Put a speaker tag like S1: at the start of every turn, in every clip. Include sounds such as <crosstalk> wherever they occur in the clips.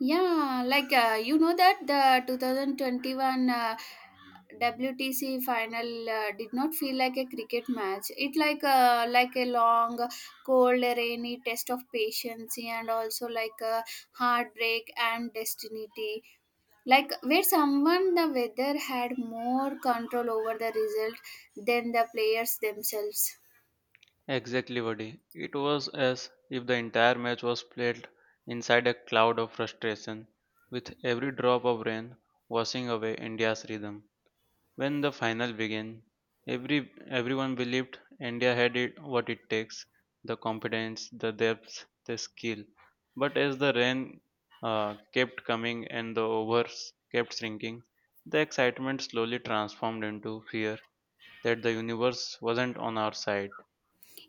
S1: Yeah, like you know that the 2021 WTC final did not feel like a cricket match. It like a long, cold, rainy test of patience and also like a heartbreak and destiny. Like where someone the weather had more control over the result than the players themselves.
S2: Exactly, Vadi. It was as if the entire match was played inside a cloud of frustration, with every drop of rain washing away India's rhythm. When the final began, every everyone believed India had it what it takes, the confidence, the depth, the skill. But as the rain kept coming and the overs kept shrinking, the excitement slowly transformed into fear that the universe wasn't on our side.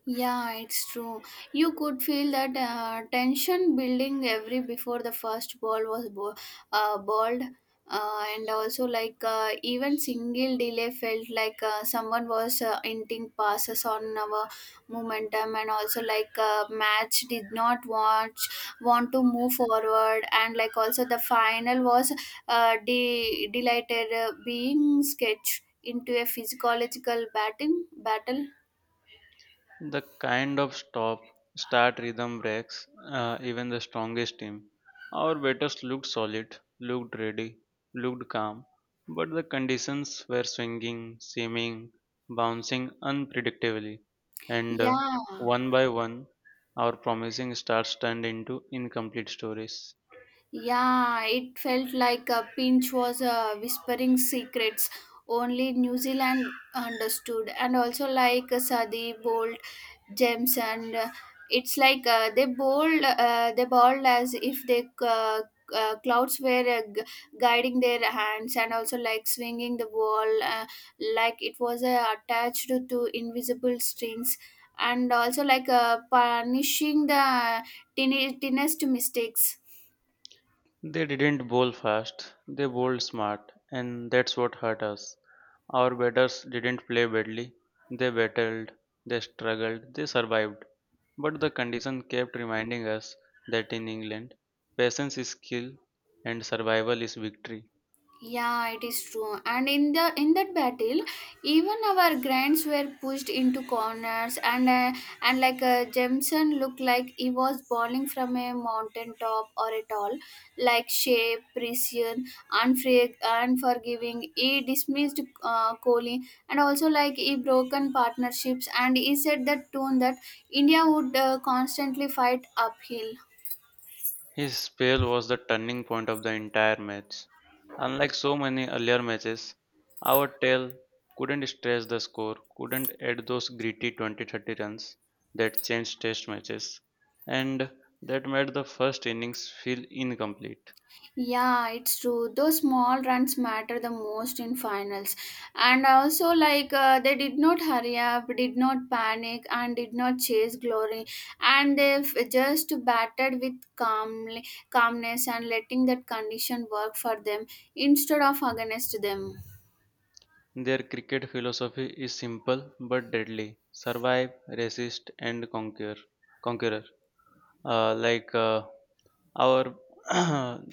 S1: Yeah, it's true. You could feel that tension building every before the first ball was balled, and also like even single delay felt like someone was inting passes on our momentum, and also like match did not watch want to move forward, and like also the final was delighted being sketched into a physiological batting battle.
S2: The kind of stop start rhythm breaks even the strongest team. Our batters looked solid, looked ready, looked calm, but the conditions were swinging, seeming, bouncing unpredictably, and
S1: Yeah.
S2: one by one, our promising starts turned into incomplete stories.
S1: Yeah, it felt like a pinch was whispering secrets only New Zealand understood, and also like Sadi, Bolt, James, and it's like they bowled as if they clouds were guiding their hands, and also like swinging the ball, like it was attached to invisible strings, and also like punishing the thinnest mistakes.
S2: They didn't bowl fast, they bowled smart, and that's what hurt us. Our batters didn't play badly, they battled, they struggled, they survived. But the condition kept reminding us that in England, patience is skill and survival is victory.
S1: Yeah, it is true. And in that battle, even our grands were pushed into corners, and like Jameson looked like he was falling from a mountain top or a tall, like shape, precision, unfree, unforgiving. He dismissed Kohli, and also like he broken partnerships, and he said that tone that India would constantly fight uphill.
S2: His spell was the turning point of the entire match. Unlike so many earlier matches, our tail couldn't stretch the score, couldn't add those gritty 20-30 runs that changed test matches, and that made the first innings feel incomplete.
S1: Yeah, it's true. Those small runs matter the most in finals. And also, like, they did not hurry up, did not panic, and did not chase glory. And they have just batted with calmly, calmness and letting that condition work for them instead of against them.
S2: Their cricket philosophy is simple but deadly survive, resist, and conquer. Conqueror. Uh, like uh, our, <clears throat>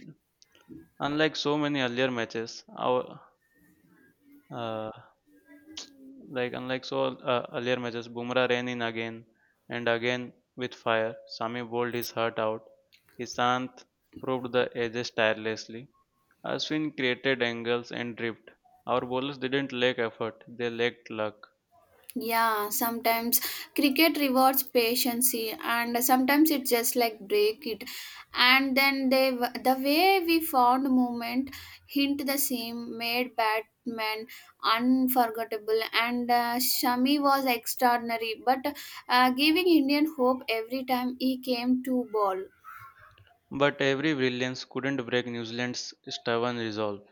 S2: unlike so many earlier matches, our uh, unlike so earlier matches, Bumrah ran in again and again with fire. Sami bowled his heart out. Isant proved the edges tirelessly. Ashwin created angles and drift. Our bowlers didn't lack effort; they lacked luck.
S1: Yeah, sometimes cricket rewards patience and sometimes it just like break it. And then the way we found movement hint the same made Batman unforgettable and Shami was extraordinary but giving Indian hope every time he came to ball.
S2: But every brilliance couldn't break New Zealand's stubborn resolve.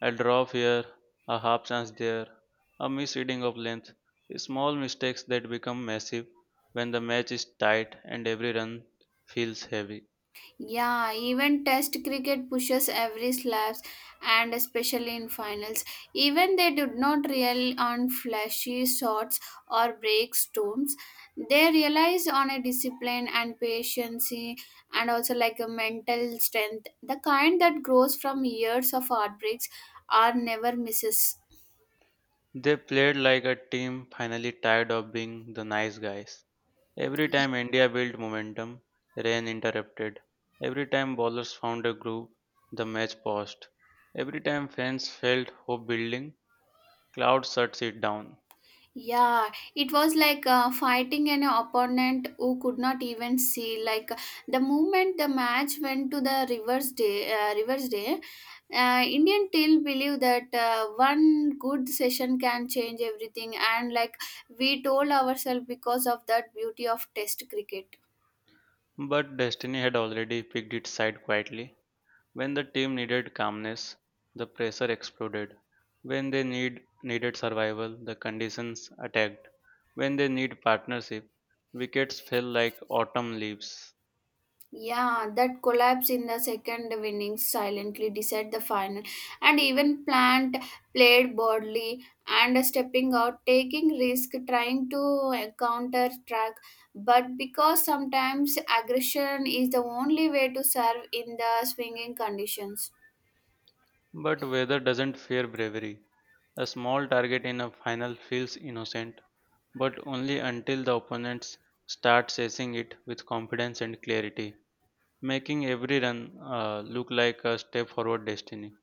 S2: A drop here, a half chance there, a misreading of length, small mistakes that become massive when the match is tight and every run feels heavy.
S1: Yeah, even test cricket pushes every slaps and especially in finals. Even they did not rely on flashy shots or breakstones. They relies on a discipline and patience and also like a mental strength, the kind that grows from years of heartbreaks or never misses.
S2: They played like a team finally tired of being the nice guys. Every time India built momentum, rain interrupted. Every time bowlers found a groove, the match paused. Every time fans felt hope building, clouds shut it down.
S1: Yeah, it was like fighting an opponent who could not even see. Like the moment the match went to the reverse day, Indian till believe that one good session can change everything, and like we told ourselves because of that beauty of Test cricket.
S2: But destiny had already picked its side quietly. When the team needed calmness, the pressure exploded. When they needed survival, the conditions attacked. When they need partnership, wickets fell like autumn leaves.
S1: Yeah, that collapse in the second innings silently decided the final, and even Plant played boldly and stepping out, taking risk, trying to counter track. But because sometimes aggression is the only way to serve in the swinging conditions.
S2: But weather doesn't fear bravery. A small target in a final feels innocent, but only until the opponents start chasing it with confidence and clarity, making every run look like a step forward destiny.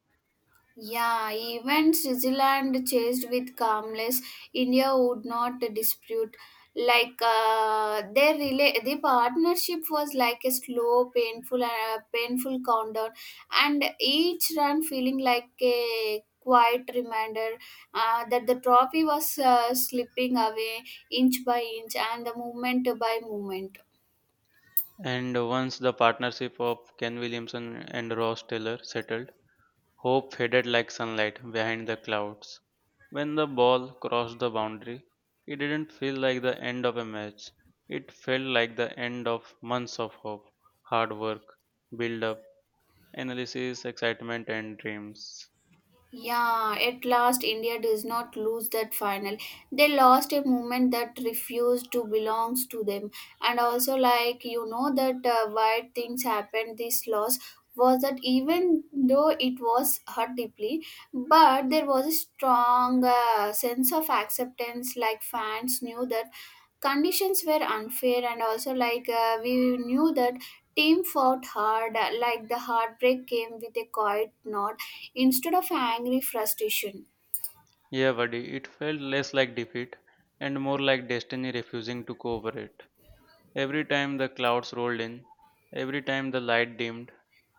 S1: Yeah, even Switzerland chased with calmness, India would not dispute. Like their the partnership was like a slow, painful countdown, and each run feeling like a quiet reminder that the trophy was slipping away inch by inch and the moment by moment.
S2: And once the partnership of Ken Williamson and Ross Taylor settled, hope faded like sunlight behind the clouds. When the ball crossed the boundary, it didn't feel like the end of a match. It felt like the end of months of hope, hard work, build up, analysis, excitement, and dreams.
S1: Yeah, at last India does not lose that final. They lost a movement that refused to belong to them. And also like you know that why things happened this loss was that even though it was hurt deeply, but there was a strong sense of acceptance like fans knew that conditions were unfair and also like we knew that team fought hard like the heartbreak came with a quiet nod instead of angry frustration.
S2: Yeah, buddy, it felt less like defeat and more like destiny refusing to cooperate. Every time the clouds rolled in, every time the light dimmed,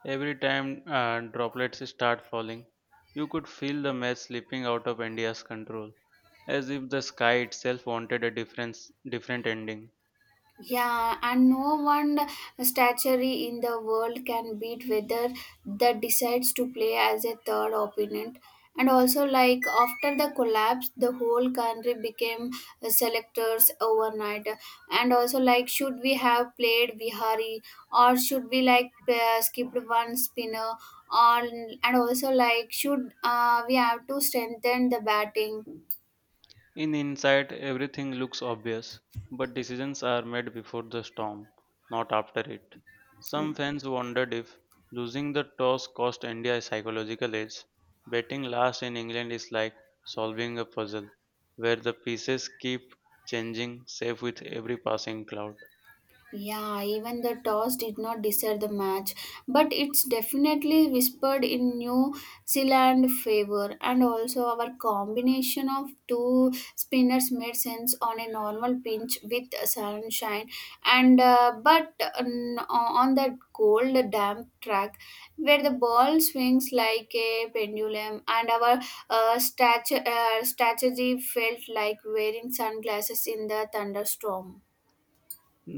S2: every time droplets start falling, you could feel the mess slipping out of India's control, as if the sky itself wanted a difference, different ending.
S1: Yeah, and no one statuary in the world can beat whether that decides to play as a third opponent. And also, like after the collapse, the whole country became selectors overnight. And also, like, should we have played Vihari or should we like skipped one spinner? Or and also, like, should we have to strengthen the batting?
S2: In hindsight, everything looks obvious, but decisions are made before the storm, not after it. Some fans wondered if losing the toss cost India a psychological edge. Batting last in England is like solving a puzzle, where the pieces keep changing, safe with every passing cloud.
S1: Yeah, even the toss did not decide the match, but it's definitely whispered in New Zealand favor. And also, our combination of two spinners made sense on a normal pinch with sunshine. And but on that cold, damp track where the ball swings like a pendulum, and our strategy felt like wearing sunglasses in the thunderstorm.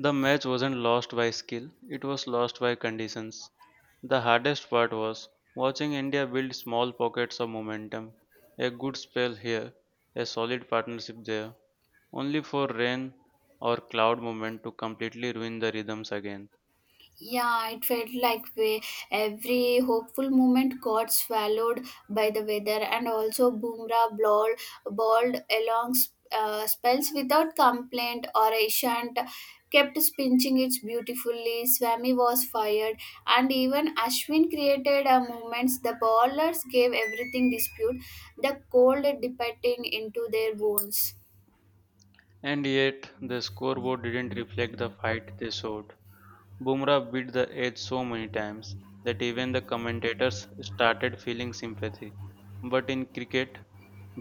S2: The match wasn't lost by skill, it was lost by conditions. The hardest part was watching India build small pockets of momentum, a good spell here, a solid partnership there, only for rain or cloud moment to completely ruin the rhythms again.
S1: Yeah, it felt like every hopeful moment got swallowed by the weather, and also Bumrah bowled along spells without complaint or Ishant kept spinning it beautifully. Swami was fired, and even Ashwin created a moments. The bowlers gave everything dispute, the cold dipping into their bones.
S2: And yet, the scoreboard didn't reflect the fight they showed. Bumrah beat the edge so many times that even the commentators started feeling sympathy. But in cricket,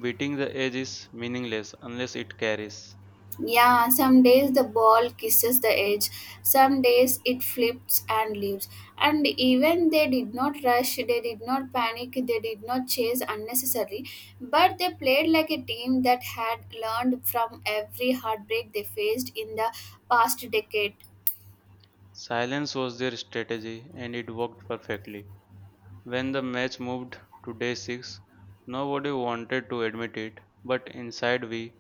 S2: beating the edge is meaningless unless it carries.
S1: Yeah, some days the ball kisses the edge, some days it flips and leaves. And even they did not rush, they did not panic, they did not chase unnecessarily, but they played like a team that had learned from every heartbreak they faced in the past decade.
S2: Silence was their strategy and it worked perfectly. When the match moved to day 6, nobody wanted to admit it, but inside we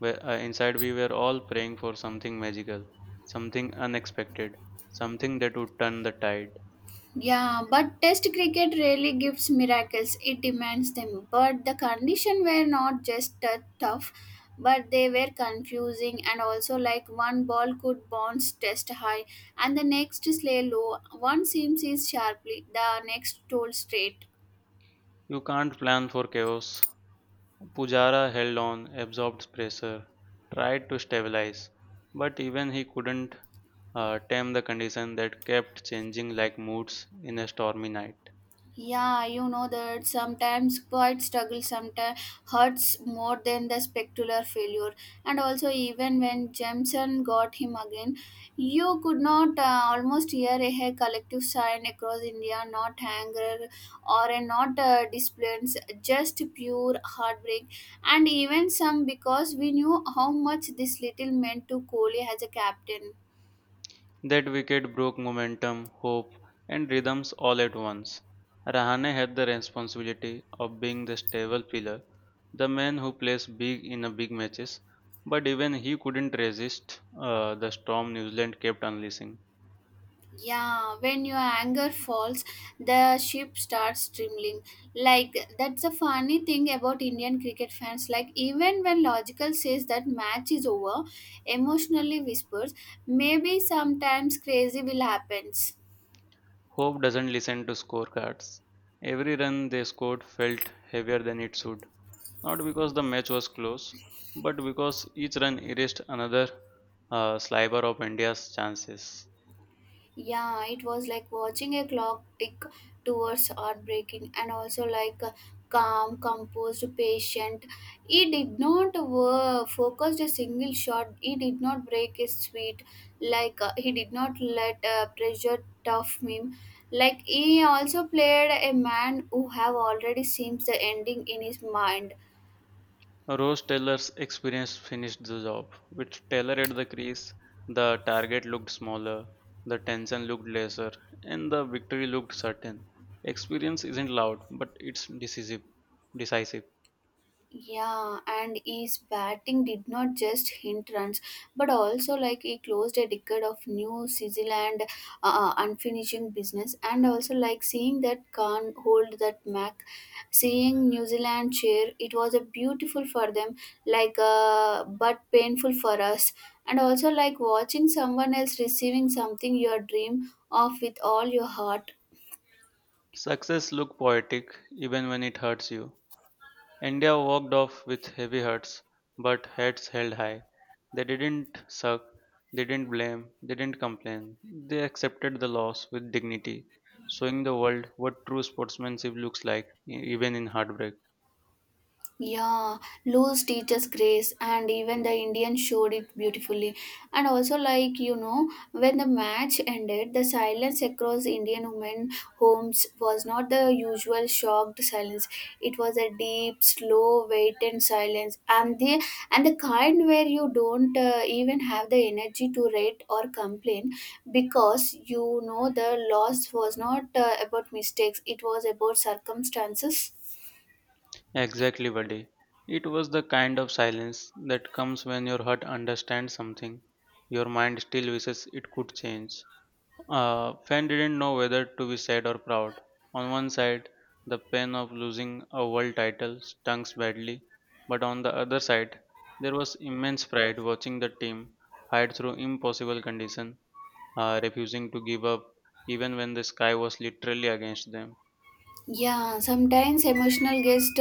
S2: were, uh, inside we were all praying for something magical, something unexpected, something that would turn the tide.
S1: Yeah, but test cricket rarely gives miracles, it demands them. But the condition were not just that tough, but they were confusing and also like one ball could bounce test high and the next slay low. One seam is sharply, the next told straight.
S2: You can't plan for chaos. Pujara held on, absorbed pressure, tried to stabilize, but even he couldn't tame the condition that kept changing like moods in a stormy night.
S1: Yeah, you know that sometimes quite struggle sometimes hurts more than the spectacular failure. And also, even when Jameson got him again, you could not almost hear a collective sign across India, not anger or a not displays, just pure heartbreak. And even some because we knew how much this little meant to Kohli as a captain.
S2: That wicket broke momentum, hope, and rhythms all at once. Rahane had the responsibility of being the stable pillar, the man who plays big in a big matches, but even he couldn't resist the storm New Zealand kept unleashing.
S1: Yeah, when your anger falls, the ship starts trembling. Like that's the funny thing about Indian cricket fans. Like even when logical says that match is over, emotionally whispers, maybe sometimes crazy will happen.
S2: Hope doesn't listen to scorecards. Every run they scored felt heavier than it should, not because the match was close, but because each run erased another sliver of India's chances.
S1: Yeah, it was like watching a clock tick towards heartbreaking and also like a calm, composed, patient. He did not focus a single shot. He did not break his sweet. Like he did not let pressure tough him. Like he also played a man who have already seems the ending in his mind.
S2: Rose Taylor's experience finished the job. With Taylor at the crease, the target looked smaller, the tension looked lesser, and the victory looked certain. Experience isn't loud, but it's decisive. Decisive.
S1: Yeah, and his batting did not just hint runs, but also like he closed a decade of New Zealand unfinished business, and also like seeing that Khan hold that Mac, seeing New Zealand cheer, it was a beautiful for them, like but painful for us, and also like watching someone else receiving something your dream of with all your heart.
S2: Success looks poetic even when it hurts you. India walked off with heavy hearts, but heads held high. They didn't suck, they didn't blame, they didn't complain. They accepted the loss with dignity, showing the world what true sportsmanship looks like, even in heartbreak.
S1: Yeah, lose teacher's grace, and even the Indians showed it beautifully. And also, like when the match ended, the silence across Indian women homes was not the usual shocked silence. It was a deep, slow, waited silence, and the kind where you don't even have the energy to rate or complain because you know the loss was not about mistakes; it was about circumstances.
S2: Exactly, buddy. It was the kind of silence that comes when your heart understands something, your mind still wishes it could change. Fan didn't know whether to be sad or proud. On one side, the pain of losing a world title stung badly, but on the other side, there was immense pride watching the team fight through impossible conditions, refusing to give up even when the sky was literally against them.
S1: Yeah, sometimes emotional gets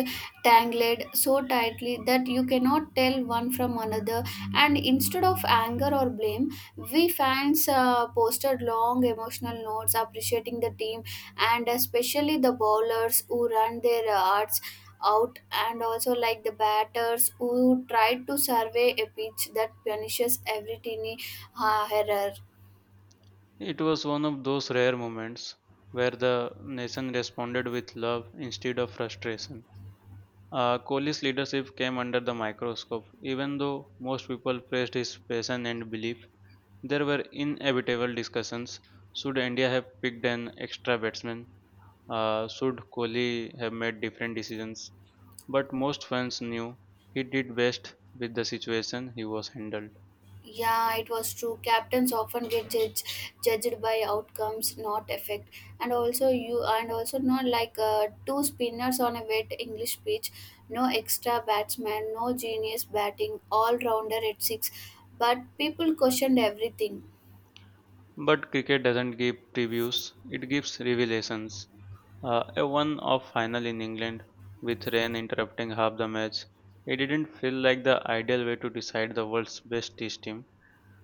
S1: tangled so tightly that you cannot tell one from another, and instead of anger or blame, we fans posted long emotional notes appreciating the team and especially the bowlers who run their hearts out, and also like the batters who tried to survey a pitch that punishes every teeny error.
S2: It was one of those rare moments where the nation responded with love instead of frustration. Kohli's leadership came under the microscope. Even though most people praised his passion and belief, there were inevitable discussions. Should India have picked an extra batsman? Should Kohli have made different decisions? But most fans knew he did best with the situation he was handled.
S1: Yeah, it was true. Captains often get judged by outcomes, not effect. And also you and also not like two spinners on a wet English pitch, no extra batsman, no genius batting, all rounder at six. But people questioned everything.
S2: But cricket doesn't give previews, it gives revelations. A one-off final in England, with rain interrupting half the match, it didn't feel like the ideal way to decide the world's best test team,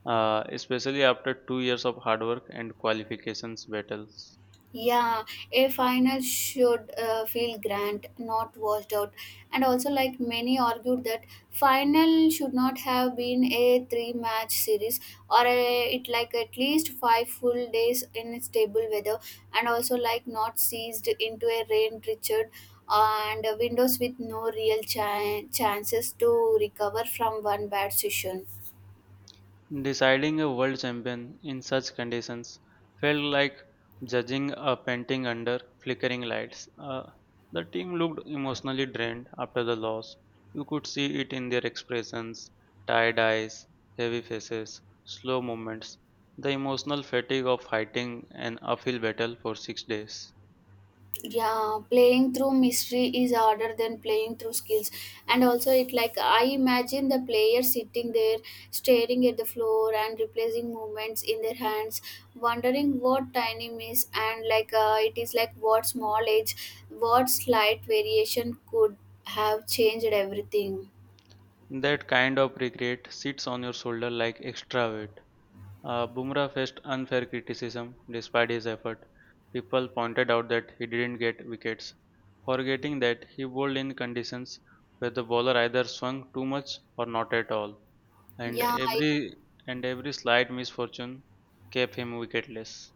S2: especially after 2 years of hard work and qualifications battles.
S1: Yeah, a final should feel grand, not washed out. And also, like many argued that final should not have been a three-match series or it like at least five full days in stable weather, and also like not seized into a rain Richard and windows with no real chances to recover from one bad session.
S2: Deciding a world champion in such conditions felt like judging a painting under flickering lights. The team looked emotionally drained after the loss. You could see it in their expressions, tired eyes, heavy faces, slow movements, the emotional fatigue of fighting an uphill battle for 6 days.
S1: Yeah, playing through mystery is harder than playing through skills, and also it like I imagine the player sitting there staring at the floor and replacing movements in their hands wondering what tiny miss and like it is like what small edge what slight variation could have changed everything.
S2: That kind of regret sits on your shoulder like extra weight. Bumrah faced unfair criticism despite his effort. People pointed out that he didn't get wickets, forgetting that he bowled in conditions where the bowler either swung too much or not at all, and
S1: Yeah.
S2: every and every slight misfortune kept him wicketless.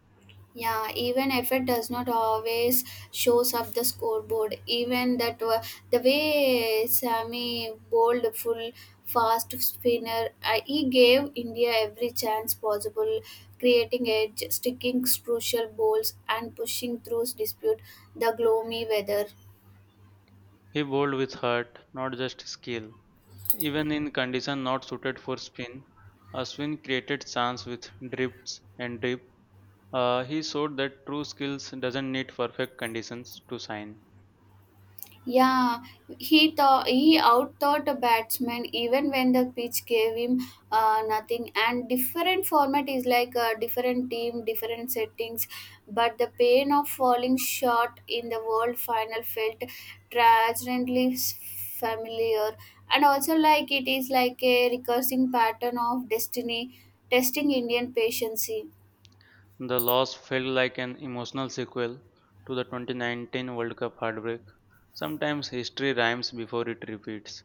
S1: Yeah, even effort does not always shows up the scoreboard. Even the way Sami bowled full fast spinner, he gave India every chance possible, creating edge, sticking crucial balls, and pushing through dispute the gloomy weather.
S2: He bowled with heart, not just skill. Even in condition not suited for spin, Ashwin created chance with drifts and drip. He showed that true skills doesn't need perfect conditions to shine.
S1: Yeah, he thought he outthought a batsman even when the pitch gave him nothing. And different format is like a different team, different settings, but the pain of falling short in the world final felt transcendently familiar. And also, like it is like a recursive pattern of destiny testing Indian patience.
S2: The loss felt like an emotional sequel to the 2019 World Cup heartbreak. Sometimes history rhymes before it repeats.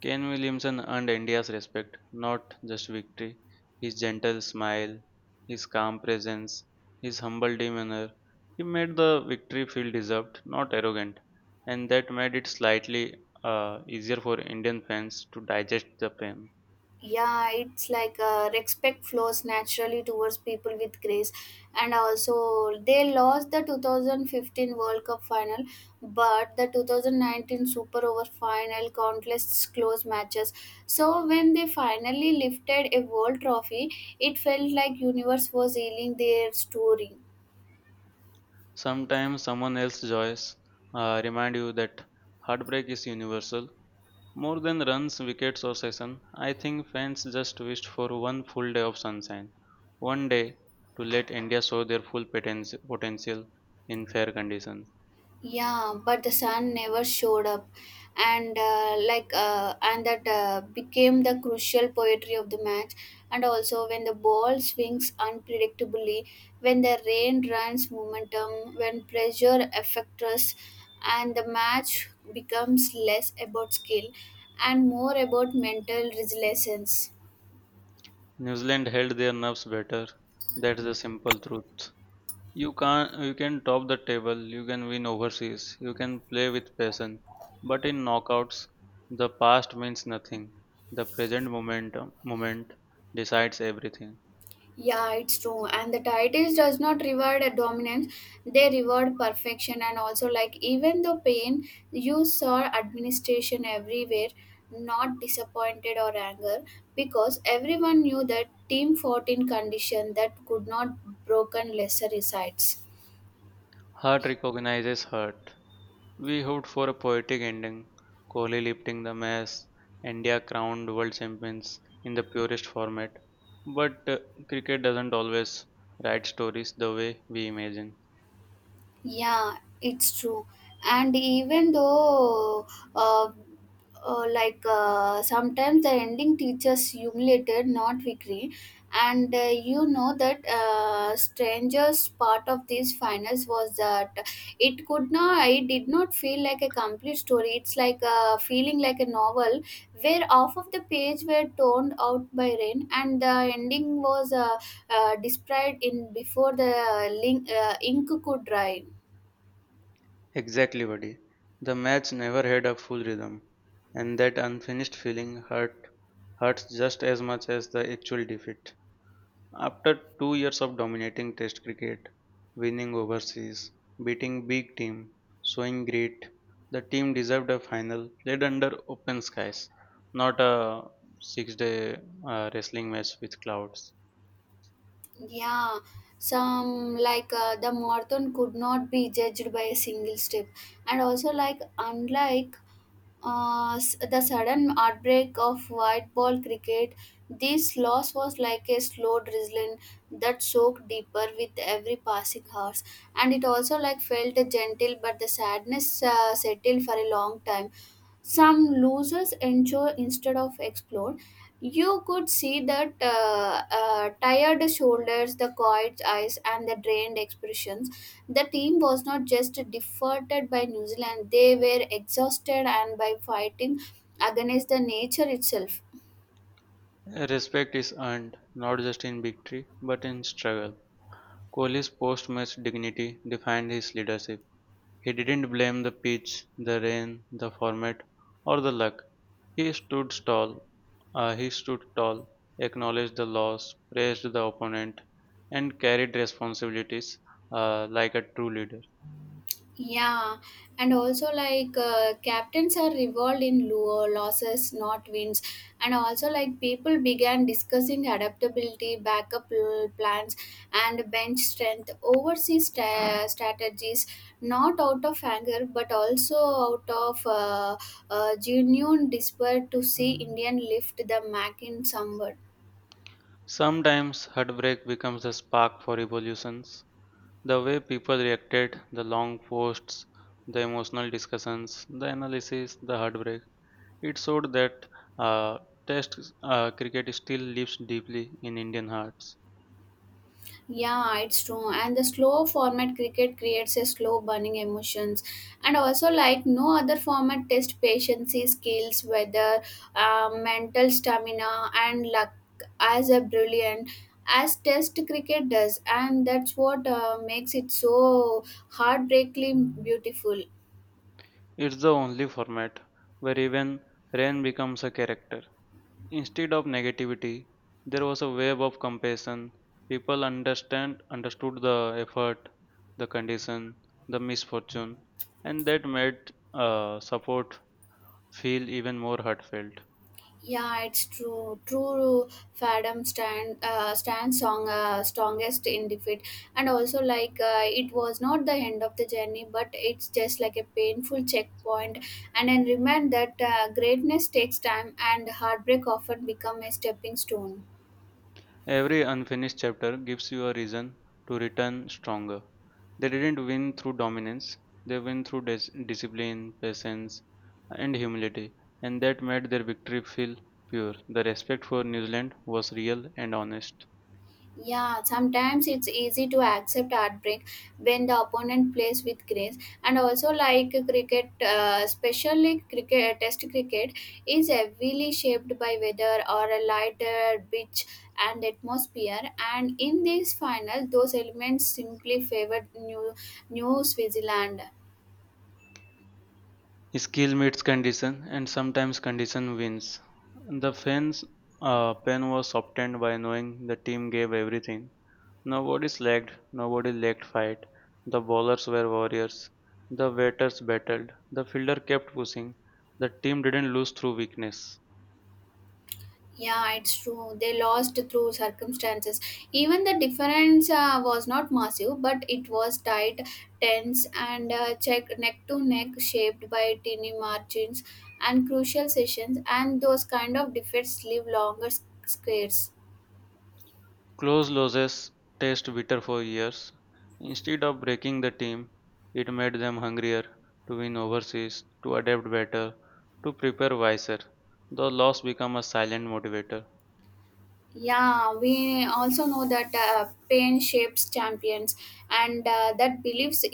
S2: Kane Williamson earned India's respect, not just victory. His gentle smile, his calm presence, his humble demeanor, he made the victory feel deserved, not arrogant, and that made it slightly easier for Indian fans to digest the pain.
S1: Yeah, it's like respect flows naturally towards people with grace. And also, they lost the 2015 world cup final, but the 2019 super over final, countless close matches. So when they finally lifted a world trophy, it felt like universe was healing their story.
S2: Sometimes someone else's joys remind you that heartbreak is universal. More than runs, wickets, or session, I think fans just wished for one full day of sunshine. One day to let India show their full potential in fair conditions.
S1: Yeah, but the sun never showed up. And uh, like uh, and that uh, became the crucial poetry of the match. And also when the ball swings unpredictably, when the rain runs momentum, when pressure affects us, and the match becomes less about skill and more about mental resilience.
S2: New Zealand held their nerves better. That's the simple truth. You can top the table, you can win overseas, you can play with passion. But in knockouts, the past means nothing. The present moment decides everything.
S1: Yeah, it's true. And the titles does not reward a dominance; they reward perfection. And also, like, even the pain, you saw administration everywhere, not disappointed or anger, because everyone knew that Team 14 condition that could not broken lesser resides.
S2: Heart recognizes heart. We hoped for a poetic ending, Kohli lifting the mess, India crowned world champions in the purest format. But cricket doesn't always write stories the way we imagine.
S1: Yeah, it's true. And even though, uh, sometimes the ending teaches humiliated, not victory. And you know that strangest part of these finals was that it did not feel like a complete story. It's like a feeling like a novel where half of the page were torn out by rain, and the ending was described in before the link, ink could dry.
S2: Exactly, buddy. The match never had a full rhythm, and that unfinished feeling hurts just as much as the actual defeat. After 2 years of dominating Test cricket, winning overseas, beating big team, showing grit, the team deserved a final played under open skies, not a six-day wrestling match with clouds.
S1: Yeah, some like the marathon could not be judged by a single step, and also like unlike the sudden outbreak of white ball cricket, this loss was like a slow drizzling that soaked deeper with every passing hours, and it also like felt gentle, but the sadness settled for a long time. Some losers ensure instead of explore. You could see that tired shoulders, the quiet eyes, and the drained expressions. The team was not just defeated by New Zealand, they were exhausted and by fighting against the nature itself.
S2: Respect is earned not just in victory but in struggle. Kohli's post-match dignity defined his leadership. He didn't blame the pitch, the rain, the format, or the luck. He stood tall, he stood tall, acknowledged the loss, praised the opponent, and carried responsibilities like a true leader.
S1: Yeah, and also like captains are revolved in losses, not wins. And also like people began discussing adaptability, backup plans, and bench strength, overseas strategies, not out of anger but also out of genuine despair to see Indian lift the Mac in somewhat.
S2: Sometimes heartbreak becomes the spark for revolutions. The way people reacted, the long posts, the emotional discussions, the analysis, the heartbreak, it showed that uh, Test cricket still lives deeply in Indian hearts.
S1: Yeah, it's true. And the slow format cricket creates a slow burning emotions. And also, like no other format, test patience, skills, weather, mental stamina, and luck as a brilliant as test cricket does. And that's what makes it so heartbreakingly beautiful.
S2: It's the only format where even rain becomes a character. Instead of negativity, there was a wave of compassion. People understand understood the effort, the condition, the misfortune, and that made support feel even more heartfelt.
S1: Yeah, it's true. True Fadam stand stand song strongest in defeat. And also like it was not the end of the journey, but it's just like a painful checkpoint. And then remind that greatness takes time, and heartbreak often become a stepping stone.
S2: Every unfinished chapter gives you a reason to return stronger. They didn't win through dominance; they win through discipline, patience, and humility, and that made their victory feel pure. The respect for New Zealand was real and honest.
S1: Yeah, sometimes it's easy to accept heartbreak when the opponent plays with grace. And also like cricket, especially cricket Test cricket is heavily shaped by weather or a lighter pitch and atmosphere. And in this final, those elements simply favored New Switzerland.
S2: Skill meets condition, and sometimes condition wins. The fans' pen was softened by knowing the team gave everything. Nobody slacked, nobody lacked fight. The bowlers were warriors. The batters battled. The fielder kept pushing. The team didn't lose through weakness.
S1: Yeah, it's true. They lost through circumstances. Even the difference was not massive, but it was tight, tense, and check neck to neck, shaped by tiny margins and crucial sessions. And those kind of defeats leave longer squares.
S2: Close losses taste bitter for years. Instead of breaking the team, it made them hungrier to win overseas, to adapt better, to prepare wiser. The loss become a silent motivator.
S1: Yeah, we also know that pain shapes champions, and that beliefs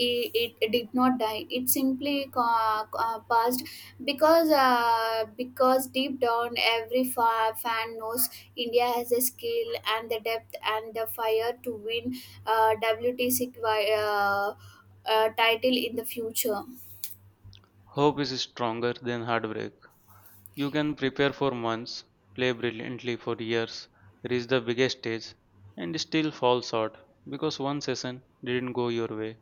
S1: it did not die. It simply passed because deep down every fan knows India has the skill and the depth and the fire to win WTC title in the future.
S2: Hope is stronger than heartbreak. You can prepare for months, play brilliantly for years, reach the biggest stage, and still fall short because one session didn't go your way.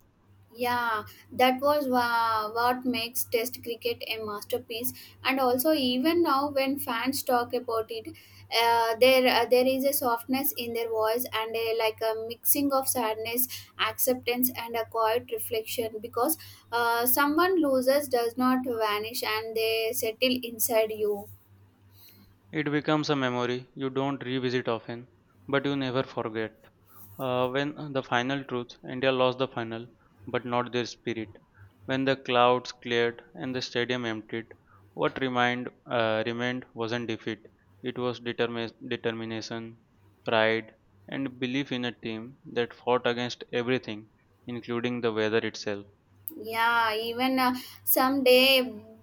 S1: Yeah, that was what makes Test cricket a masterpiece. And also, even now, when fans talk about it, there is a softness in their voice and a, like a mixing of sadness, acceptance, and a quiet reflection. Because someone loses does not vanish, and they settle inside you.
S2: It becomes a memory you don't revisit often, but you never forget. When the final truth, India lost the final, but not their spirit. When the clouds cleared and the stadium emptied, remained wasn't defeat. It was determination, pride, and belief in a team that fought against everything, including the weather itself.
S1: Yeah, even someday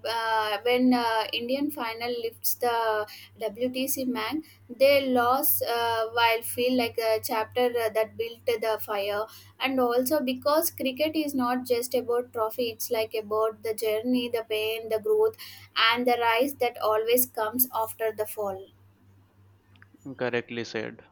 S1: when Indian final lifts the WTC man, they lost while feel like a chapter that built the fire. And also because cricket is not just about trophy, it's like about the journey, the pain, the growth, and the rise that always comes after the fall.
S2: Correctly said.